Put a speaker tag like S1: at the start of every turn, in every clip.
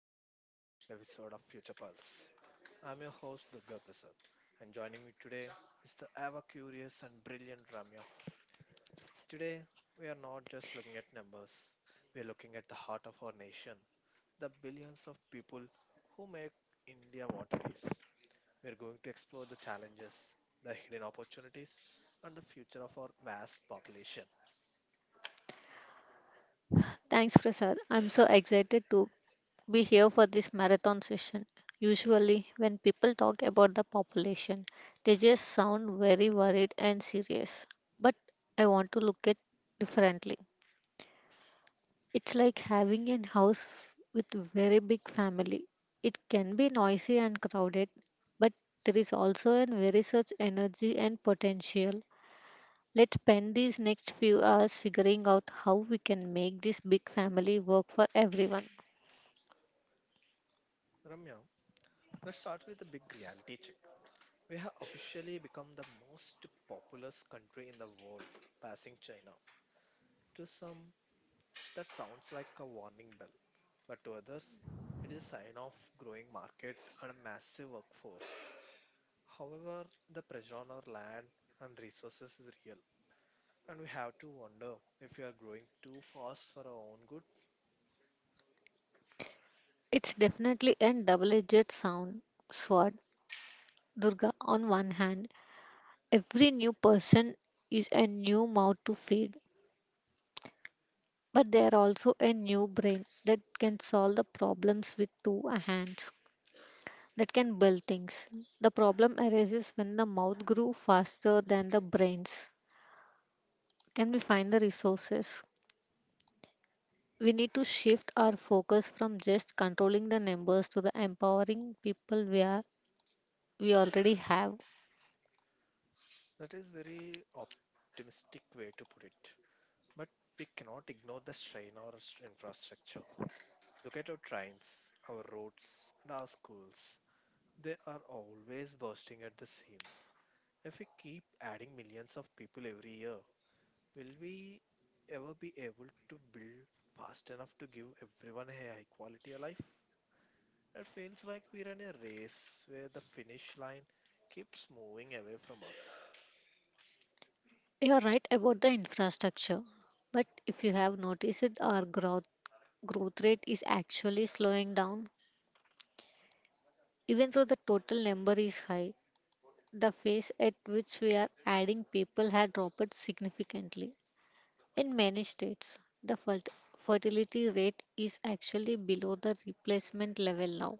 S1: to a massive special episode of Future Pulse. I'm your host Durga Prasad, and joining me today is the ever curious and brilliant Ramya. Today, we are not just looking at numbers, we are looking at the heart of our nation, the billions of people who make India what it is. We are going to explore the challenges, the hidden opportunities, and the future of our vast population.
S2: Thanks, Prasad. I'm so excited to be here for this marathon session. Usually, when people talk about the population, they just sound very worried and serious. But I want to look at differently. It's like having a house with very big family. It can be noisy and crowded, but there is also a very such energy and potential. Let's spend these next few hours figuring out how we can make this big family work for everyone.
S1: Ramya, let's start with the big reality check. We have officially become the most populous country in the world, passing China. To some, that sounds like a warning bell, but to others, it is a sign of growing market and a massive workforce. However, the pressure on our land and resources is real, and we have to wonder if we are growing too fast for our own good.
S2: It's definitely a double edged sound sword, Durga. On one hand, every new person is a new mouth to feed, but they are also a new brain that can solve the problems with two hands, that can build things. The problem arises when the mouth grew faster than the brains. Can we find the resources? We need to shift our focus from just controlling the numbers to the empowering people we already have.
S1: That is very optimistic way to put it, but we cannot ignore the strain on our infrastructure. Look at our trains, our roads, and our schools. They are always bursting at the seams. If we keep adding millions of people every year, will we ever be able to build fast enough to give everyone a high quality of life? It feels like we're in a race where the finish line keeps moving away from us.
S2: You're right about the infrastructure, but if you have noticed it, our growth rate is actually slowing down. Even though the total number is high, the pace at which we are adding people had dropped significantly. In many states, the fertility rate is actually below the replacement level now.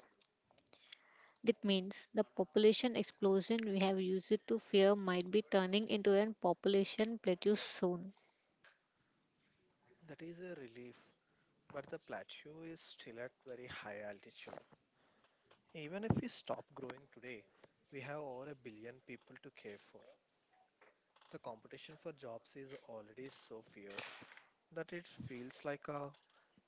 S2: That means the population explosion we have used to fear might be turning into a population plateau soon.
S1: That is a relief, but the plateau is still at very high altitude. Even if we stop growing today, we have over a billion people to care for. The competition for jobs is already so fierce that it feels like a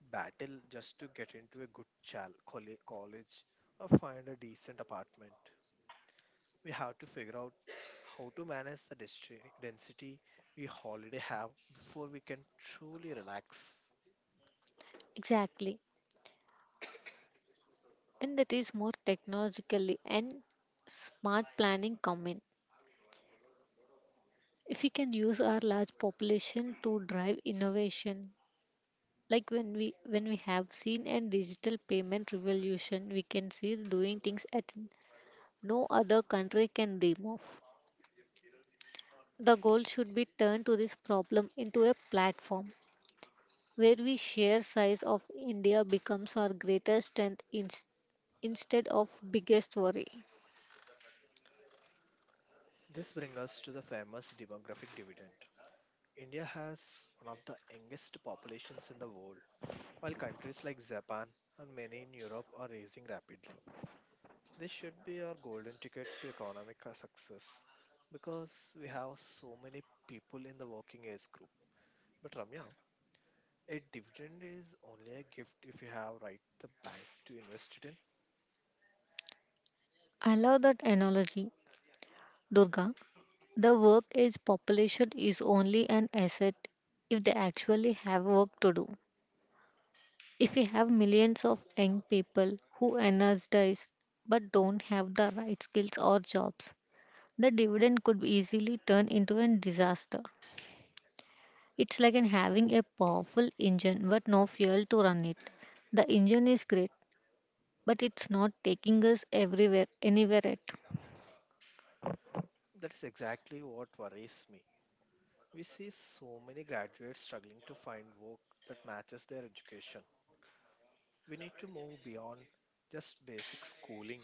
S1: battle just to get into a good college or find a decent apartment. We have to figure out how to manage the density we already have before we can truly relax.
S2: Exactly. And that is more technologically and smart planning come in. If we can use our large population to drive innovation, like when we have seen a digital payment revolution, we can see doing things that no other country can dream of. The goal should be turned to this problem into a platform where we share size of India becomes our greatest strength instead of biggest worry.
S1: This brings us to the famous demographic dividend. India has one of the youngest populations in the world, while countries like Japan and many in Europe are raising rapidly. This should be our golden ticket to economic success because we have so many people in the working age group. But Ramya, a dividend is only a gift if you have right the bank to invest it in.
S2: I love that analogy, Durga. The work age population is only an asset if they actually have work to do. If we have millions of young people who energize but don't have the right skills or jobs, the dividend could easily turn into a disaster. It's like in having a powerful engine but no fuel to run it. The engine is great, but it's not taking us everywhere, anywhere at.
S1: That is exactly what worries me. We see so many graduates struggling to find work that matches their education. We need to move beyond just basic schooling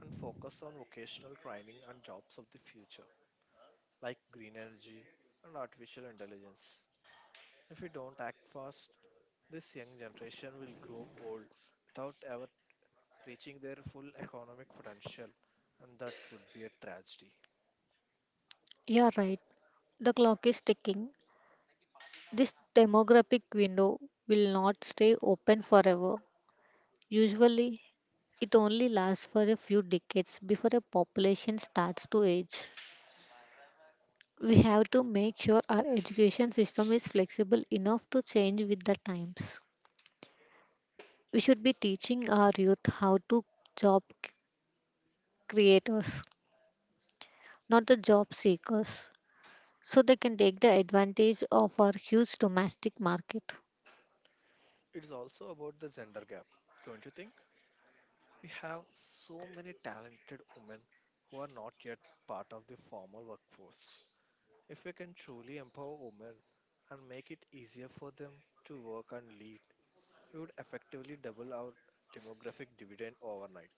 S1: and focus on vocational training and jobs of the future like green energy and artificial intelligence. If we don't act fast, this young generation will grow old without ever reaching their full economic potential, and that would be a tragedy.
S2: You're right. The clock is ticking. This demographic window will not stay open forever. Usually, it only lasts for a few decades before a population starts to age. We have to make sure our education system is flexible enough to change with the times. We should be teaching our youth how to job creators, not the job seekers, so they can take the advantage of our huge domestic market.
S1: It's also about the gender gap, don't you think? We have so many talented women who are not yet part of the formal workforce. If we can truly empower women and make it easier for them to work and lead, we would effectively double our demographic dividend overnight.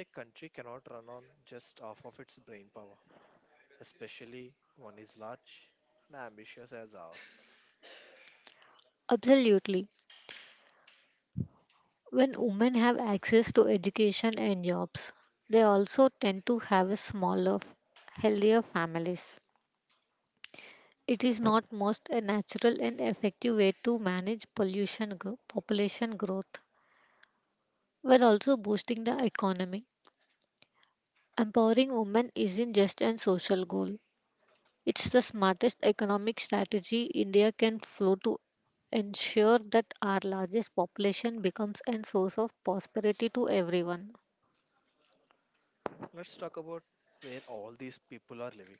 S1: A country cannot run on just half of its brain power, especially one is large and ambitious as ours.
S2: Absolutely. When women have access to education and jobs, they also tend to have a smaller, healthier families. It is not most a natural and effective way to manage population growth while also boosting the economy. Empowering women isn't just a social goal. It's the smartest economic strategy India can flow to ensure that our largest population becomes a source of prosperity to everyone.
S1: Let's talk about where all these people are living.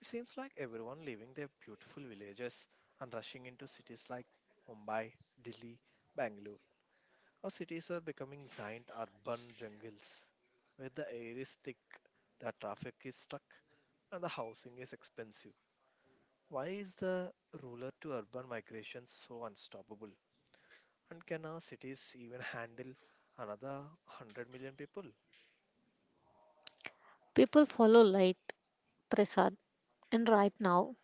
S1: It seems like everyone leaving their beautiful villages and rushing into cities like Mumbai, Delhi, Bangalore. Our cities are becoming giant urban jungles where the air is thick, the traffic is stuck, and the housing is expensive. Why is the rural to urban migration so unstoppable? And can our cities even handle another 100 million people?
S2: People follow light, Prasad, and right now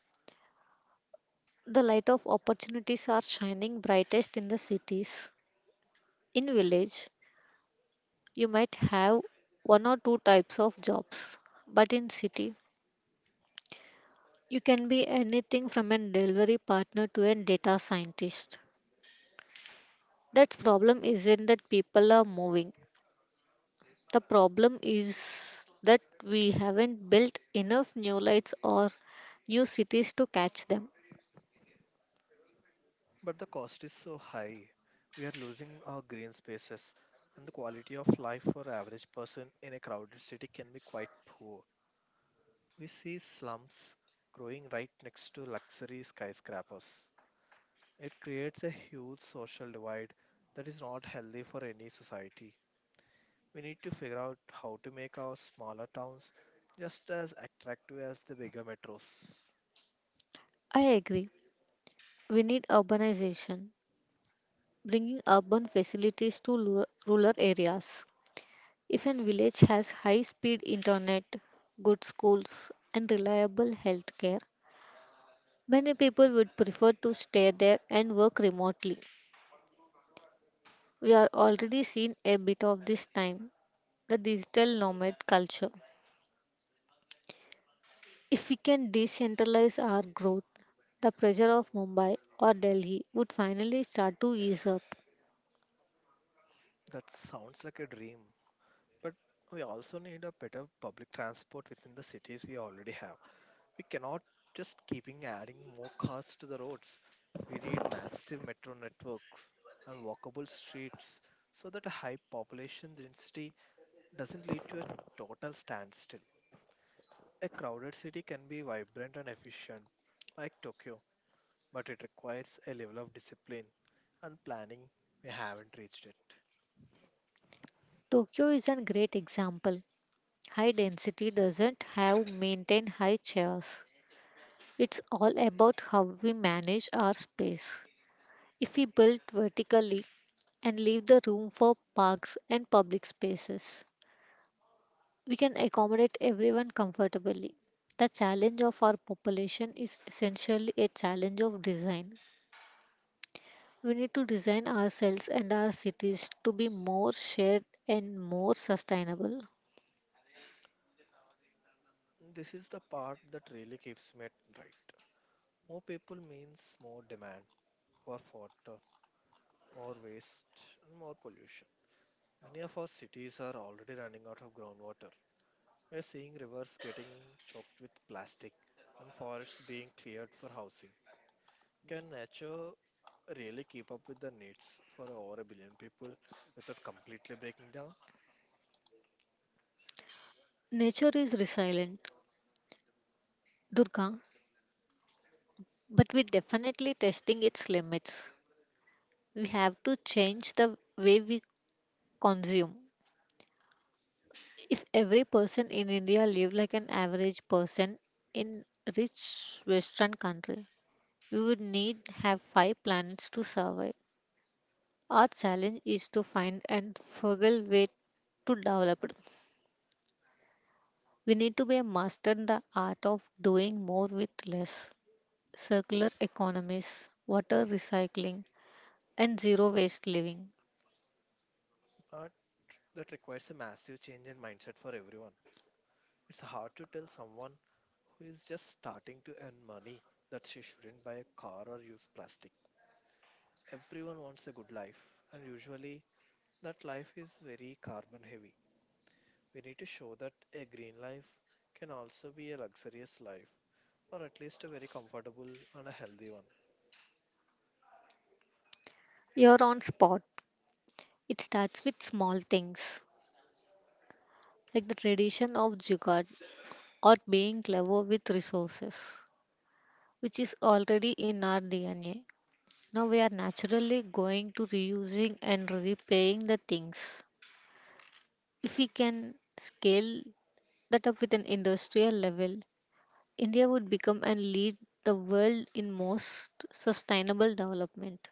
S2: the light of opportunities are shining brightest in the cities. In village, you might have one or two types of jobs, but in city, you can be anything from a delivery partner to a data scientist. That problem isn't that people are moving. The problem is that we haven't built enough new lights or new cities to catch them.
S1: But the cost is so high. We are losing our green spaces, and the quality of life for average person in a crowded city can be quite poor. We see slums growing right next to luxury skyscrapers. It creates a huge social divide that is not healthy for any society. We need to figure out how to make our smaller towns just as attractive as the bigger metros.
S2: I agree. We need urbanization, bringing urban facilities to rural areas. If a village has high speed internet, good schools, and reliable healthcare, many people would prefer to stay there and work remotely. We are already seeing a bit of this time the digital nomad culture. If we can decentralize our growth, the pressure of Mumbai or Delhi would finally start to ease up.
S1: That sounds like a dream. But we also need a better public transport within the cities we already have. We cannot just keeping adding more cars to the roads. We need massive metro networks and walkable streets so that a high population density doesn't lead to a total standstill. A crowded city can be vibrant and efficient, like Tokyo, but it requires a level of discipline and planning we haven't reached it.
S2: Tokyo is a great example. High density doesn't have maintain high chairs. It's all about how we manage our space. If we build vertically and leave the room for parks and public spaces, we can accommodate everyone comfortably. The challenge of our population is essentially a challenge of design. We need to design ourselves and our cities to be more shared and more sustainable.
S1: This is the part that really keeps me at night. More people means more demand, more water, more waste, and more pollution. Many of our cities are already running out of groundwater. We're seeing rivers getting choked with plastic and forests being cleared for housing. Can nature really keep up with the needs for over a billion people without completely breaking down?
S2: Nature is resilient, Durga, but we're definitely testing its limits. We have to change the way we consume. If every person in India lived like an average person in rich Western country, we would need have five planets to survive. Our challenge is to find and frugal way to develop it. We need to be a master in the art of doing more with less. Circular economies, water recycling, and zero waste living.
S1: But that requires a massive change in mindset for everyone. It's hard to tell someone who is just starting to earn money that she shouldn't buy a car or use plastic. Everyone wants a good life, and usually that life is very carbon heavy. We need to show that a green life can also be a luxurious life, or at least a very comfortable and a healthy one.
S2: You're on spot. It starts with small things like the tradition of jugaad or being clever with resources, which is already in our DNA. Now we are naturally going to reusing and replaying the things. If we can scale that up with an industrial level, India would become and lead the world in most sustainable development.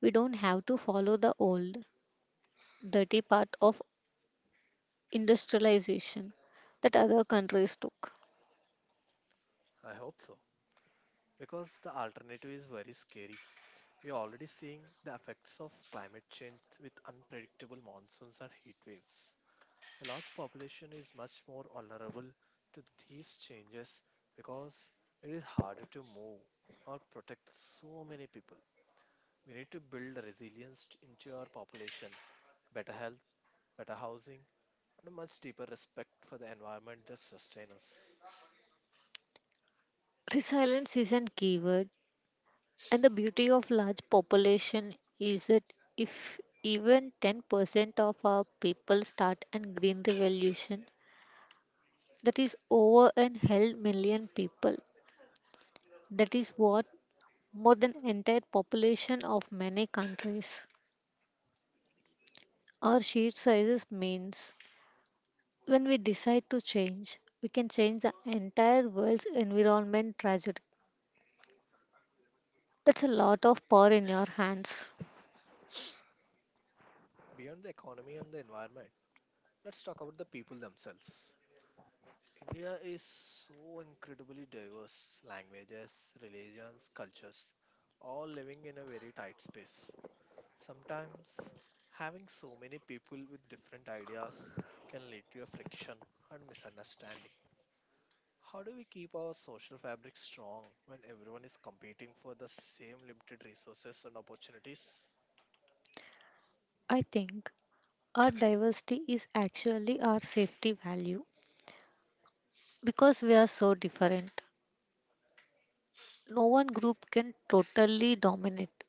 S2: We don't have to follow the old, dirty path of industrialization that other countries took.
S1: I hope so, because the alternative is very scary. We are already seeing the effects of climate change with unpredictable monsoons and heat waves. A large population is much more vulnerable to these changes because it is harder to move or protect so many people. We need to build resilience into our population, better health, better housing, and a much deeper respect for the environment that sustains us.
S2: Resilience is a keyword, and the beauty of large population is that if even 10% of our people start a green revolution, that is over and held million people. That is what more than entire population of many countries. Our sheer sizes means when we decide to change, we can change the entire world's environment trajectory. That's a lot of power in your hands.
S1: Beyond the economy and the environment, let's talk about the people themselves. India is so incredibly diverse languages, religions, cultures, all living in a very tight space. Sometimes having so many people with different ideas can lead to a friction and misunderstanding. How do we keep our social fabric strong when everyone is competing for the same limited resources and opportunities?
S2: I think our diversity is actually our safety value because we are so different. No one group can totally dominate.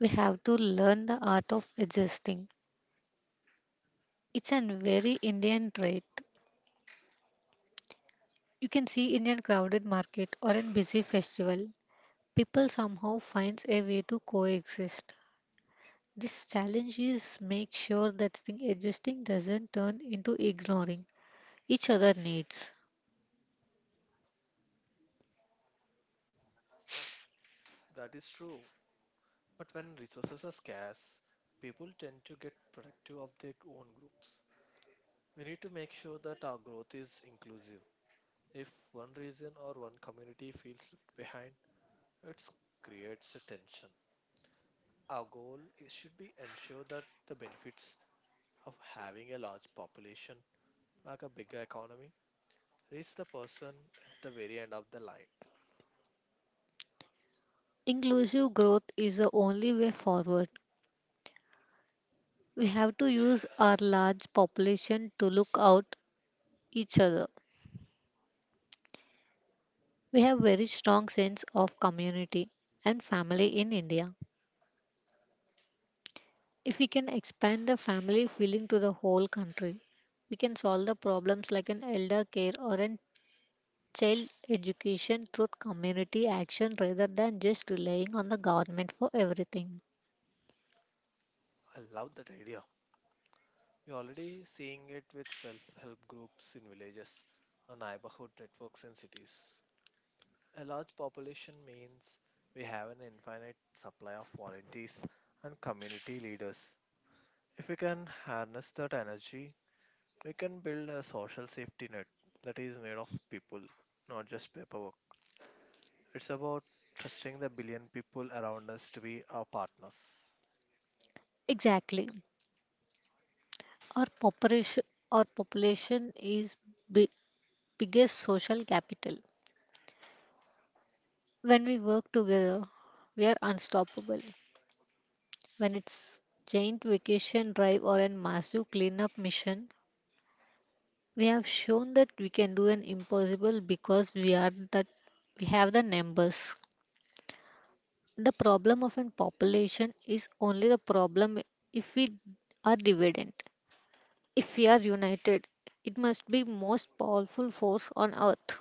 S2: We have to learn the art of adjusting. It's a very Indian trait. You can see in a crowded market or in busy festival, people somehow finds a way to coexist. This challenge is make sure that the adjusting doesn't turn into ignoring each other needs.
S1: That is true. But when resources are scarce, people tend to get protective of their own groups. We need to make sure that our growth is inclusive. If one region or one community feels left behind, it creates a tension. Our goal is, should be ensure that the benefits of having a large population, like a bigger economy, reach the person at the very end of the line.
S2: Inclusive growth is the only way forward. We have to use our large population to look out each other. We have very strong sense of community and family in India. If we can expand the family feeling to the whole country, we can solve the problems like an elder care or an child education through community action rather than just relying on the government for everything.
S1: I love that idea. We're already seeing it with self help groups in villages or neighborhood networks in cities. A large population means we have an infinite supply of volunteers and community leaders. If we can harness that energy, we can build a social safety net that is made of people, not just paperwork. It's about trusting the billion people around us to be our partners.
S2: Exactly. Our population our population is big, biggest social capital. When we work together, we are unstoppable. When it's giant vacation drive or a massive cleanup mission, we have shown that we can do an impossible because we are that we have the numbers. The problem of a population is only the problem if we are divided. If we are united, it must be most powerful force on earth.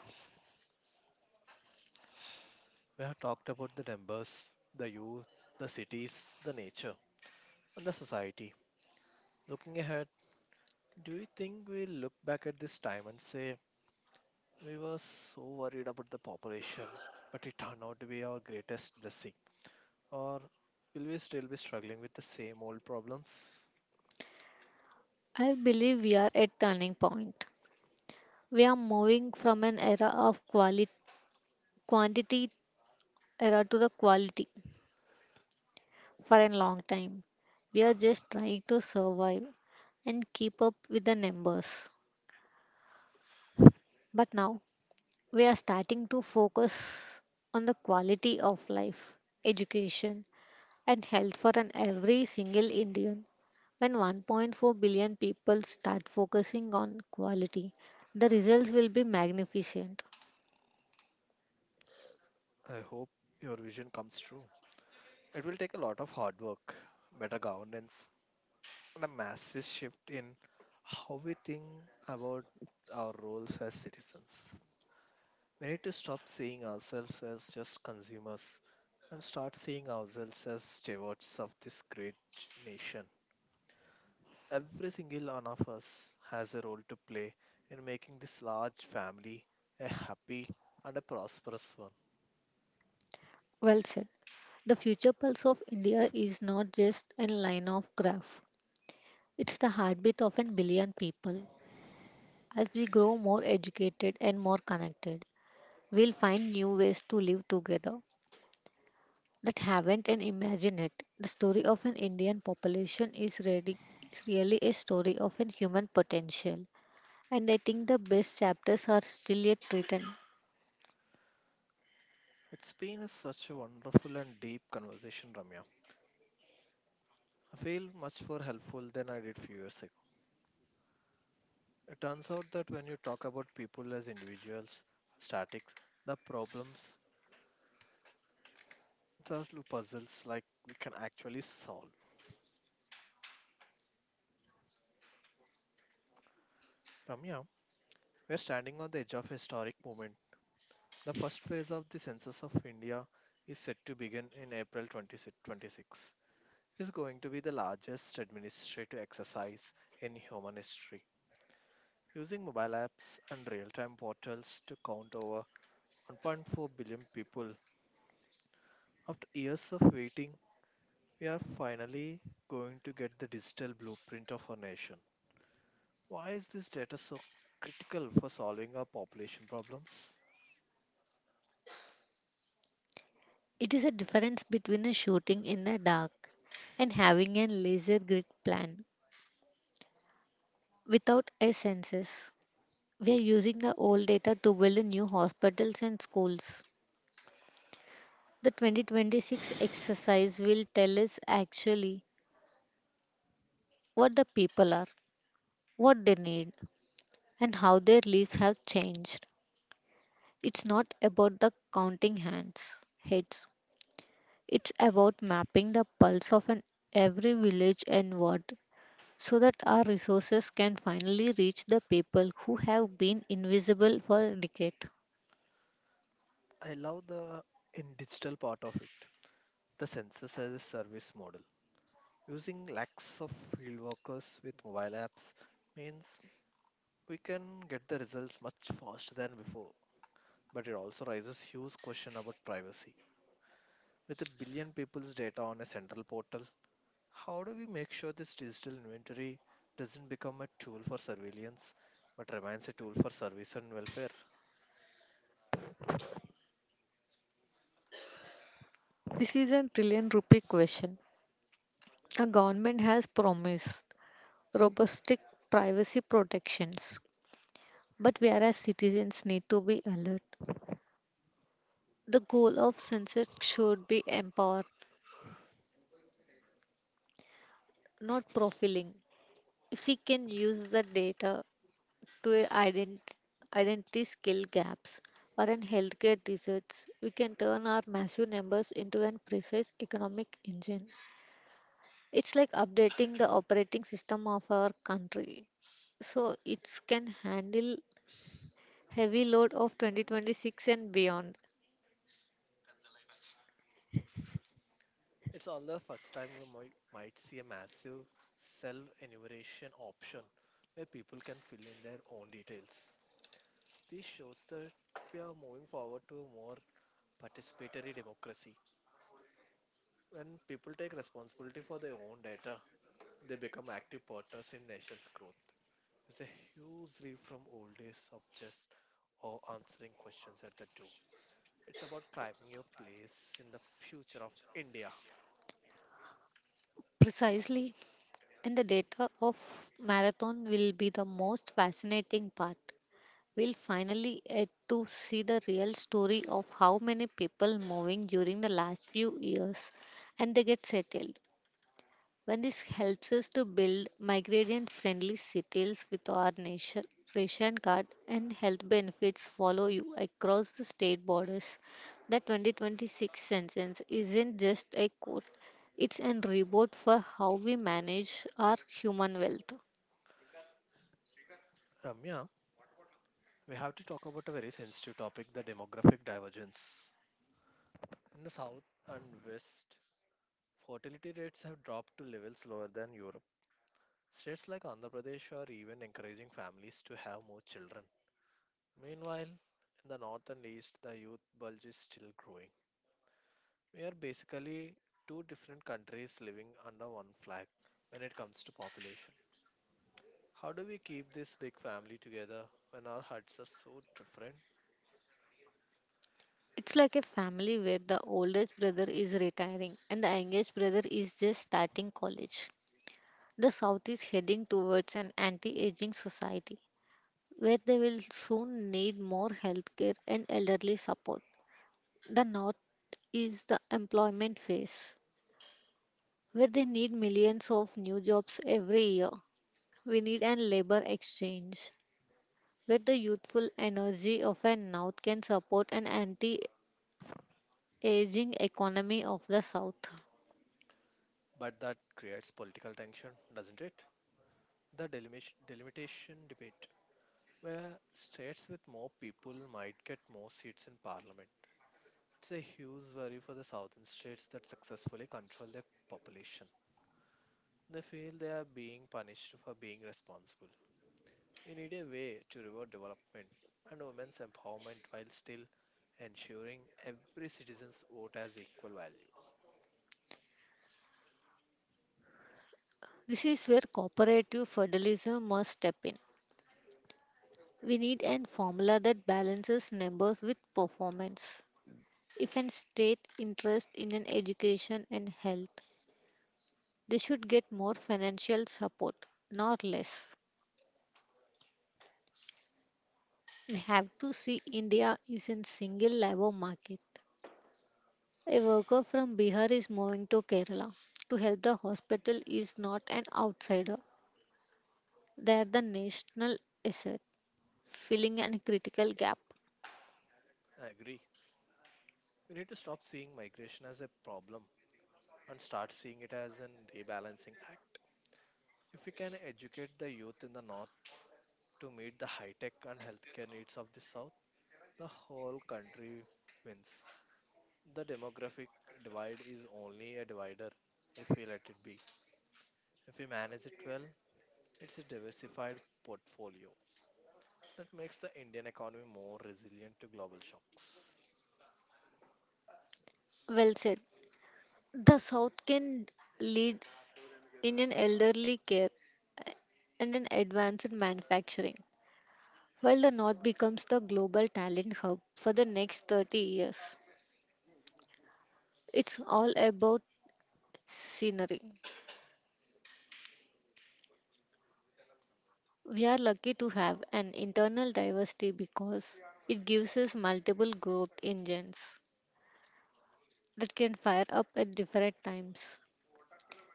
S1: We have talked about the numbers, the youth, the cities, the nature, and the society. Looking ahead, do you think we look back at this time and say, we were so worried about the population, but it turned out to be our greatest blessing? Or will we still be struggling with the same old problems?
S2: I believe we are at turning point. We are moving from an era of quality quantity era to the quality for a long time. We are just trying to survive and keep up with the numbers. But now we are starting to focus on the quality of life, education, and health for an every single Indian. When 1.4 billion people start focusing on quality, the results will be magnificent.
S1: I hope your vision comes true. It will take a lot of hard work, better governance, and a massive shift in how we think about our roles as citizens. We need to stop seeing ourselves as just consumers and start seeing ourselves as stewards of this great nation. Every single one of us has a role to play in making this large family a happy and a prosperous one.
S2: Well said. The future pulse of India is not just a line of graph. It's the heartbeat of a billion people. As we grow more educated and more connected, we'll find new ways to live together that haven't and imagine it. The story of an Indian population is really a story of a human potential, and I think the best chapters are still yet written.
S1: It's been a, such a wonderful and deep conversation, Ramya. I feel much more helpful than I did few years ago. It turns out that when you talk about people as individuals, statics, the problems, the puzzles like we can actually solve. Ramya, we're standing on the edge of a historic moment. The first phase of the Census of India is set to begin in April 2026. It's going to be the largest administrative exercise in human history. Using mobile apps and real time portals to count over 1.4 billion people, after years of waiting, we are finally going to get the digital blueprint of our nation. Why is this data so critical for solving our population problems?
S2: It is a difference between a shooting in the dark and having a laser grid plan without a census. We are using the old data to build new hospitals and schools. The 2026 exercise will tell us actually what the people are, what they need, and how their lives have changed. It's not about the counting hands, heads. It's about mapping the pulse of an every village and ward so that our resources can finally reach the people who have been invisible for a decade.
S1: I love the in digital part of it, the census as a service model. Using lakhs of field workers with mobile apps means we can get the results much faster than before, but it also raises huge question about privacy. With a billion people's data on a central portal, how do we make sure this digital inventory doesn't become a tool for surveillance but remains a tool for service and welfare?
S2: This is a trillion rupee question. A government has promised robust privacy protections, but we as citizens need to be alert. The goal of census should be empowered, not profiling. If we can use the data to identify skill gaps or in healthcare deserts, we can turn our massive numbers into an precise economic engine. It's like updating the operating system of our country so it can handle heavy load of 2026 and beyond.
S1: It's all the first time we might see a massive self enumeration option where people can fill in their own details. This shows that we are moving forward to a more participatory democracy. When people take responsibility for their own data, they become active partners in nation's growth. It's a huge leap from old days of just or answering questions at the door. It's about climbing your place in the future of India.
S2: Precisely. And the data of marathon will be the most fascinating part. We'll finally get to see the real story of how many people moving during the last few years and they get settled. When this helps us to build migration friendly cities with our nation, ration card and health benefits follow you across the state borders. The 2026 sentence isn't just a quote, it's an reward for how we manage our human wealth.
S1: Ramya, we have to talk about a very sensitive topic the demographic divergence. In the south and west, fertility rates have dropped to levels lower than Europe. States like Andhra Pradesh are even encouraging families to have more children. Meanwhile, in the north and east, the youth bulge is still growing. We are basically two different countries living under one flag when it comes to population. How do we keep this big family together when our hearts are so different?
S2: It's like a family where the oldest brother is retiring and the youngest brother is just starting college. The South is heading towards an anti aging society where they will soon need more healthcare and elderly support. The North is the employment phase, where they need millions of new jobs every year. We need an labor exchange, where the youthful energy of a North can support an anti aging economy of the South.
S1: But that creates political tension, doesn't it? The delimitation debate, where states with more people might get more seats in parliament. It's a huge worry for the southern states that successfully control their population. They feel they are being punished for being responsible. We need a way to reward development and women's empowerment while still ensuring every citizen's vote has equal value.
S2: This is where cooperative federalism must step in. We need an formula that balances numbers with performance. If an state interest in an education and health, they should get more financial support, not less. We have to see India is in single labor market. A worker from Bihar is moving to Kerala to help the hospital is not an outsider. They are the national asset, filling a critical gap.
S1: I agree. We need to stop seeing migration as a problem and start seeing it as an rebalancing act. If we can educate the youth in the north, to meet the high tech and healthcare needs of the South, the whole country wins. The demographic divide is only a divider if we let it be. If we manage it well, it's a diversified portfolio that makes the Indian economy more resilient to global shocks.
S2: Well said. The South can lead in an elderly care and an advanced manufacturing. While the North becomes the global talent hub for the next 30 years, it's all about scenery. We are lucky to have an internal diversity because it gives us multiple growth engines that can fire up at different times.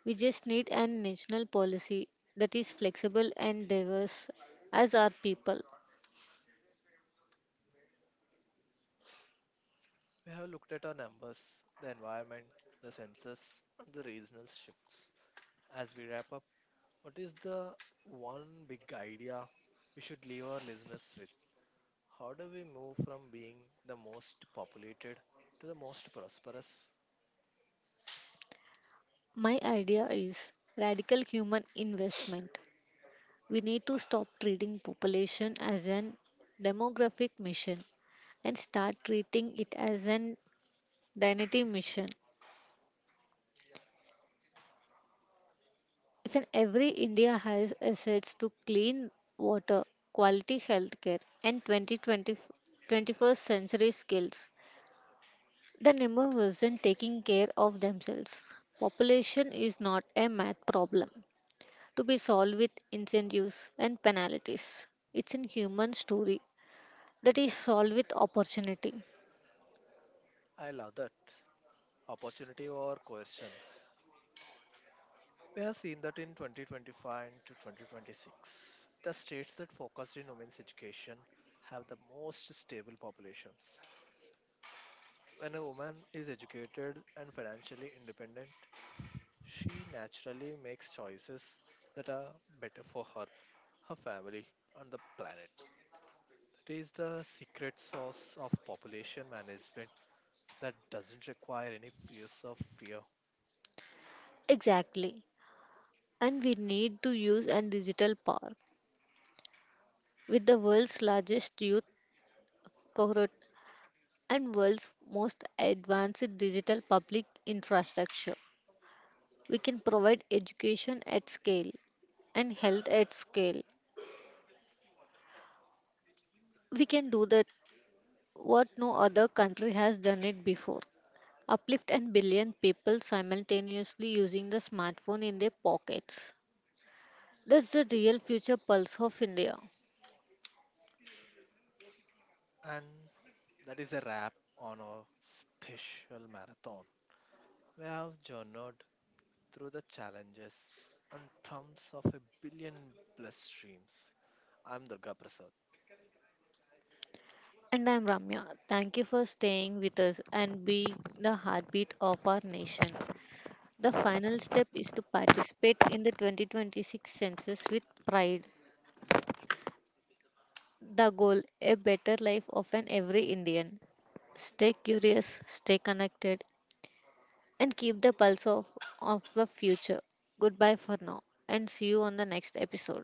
S2: We just need a national policy that is flexible and diverse as our people.
S1: We have looked at our numbers, the environment, the census, and the regional shifts. As we wrap up, what is the one big idea we should leave our listeners with? How do we move from being the most populated to the most prosperous?
S2: My idea is radical human investment. We need to stop treating population as an demographic mission and start treating it as an dignity mission. If an every India has assets to clean water, quality healthcare, and 2020, 21st century skills, the number wasn't taking care of themselves. Population is not a math problem to be solved with incentives and penalties. It's a human story that is solved with opportunity.
S1: I love that. Opportunity or coercion. We have seen that in 2025 to 2026. The states that focused in women's education have the most stable populations. When a woman is educated and financially independent, she naturally makes choices that are better for her, her family, and the planet. That is the secret sauce of population management that doesn't require any fears of fear.
S2: Exactly. And we need to use a digital park with the world's largest youth cohort and world's most advanced digital public infrastructure. We can provide education at scale and health at scale. We can do that what no other country has done it before. Uplift and billion people simultaneously using the smartphone in their pockets. That's the real future pulse of India.
S1: And that is a wrap on our special marathon. We have journeyed through the challenges and trumps of a billion plus streams. I'm Durga Prasad.
S2: And I'm Ramya. Thank you for staying with us and being the heartbeat of our nation. The final step is to participate in the 2026 census with pride. The goal a better life of an every Indian. Stay curious, stay connected, and keep the pulse of the future. Goodbye for now, and see you on the next episode.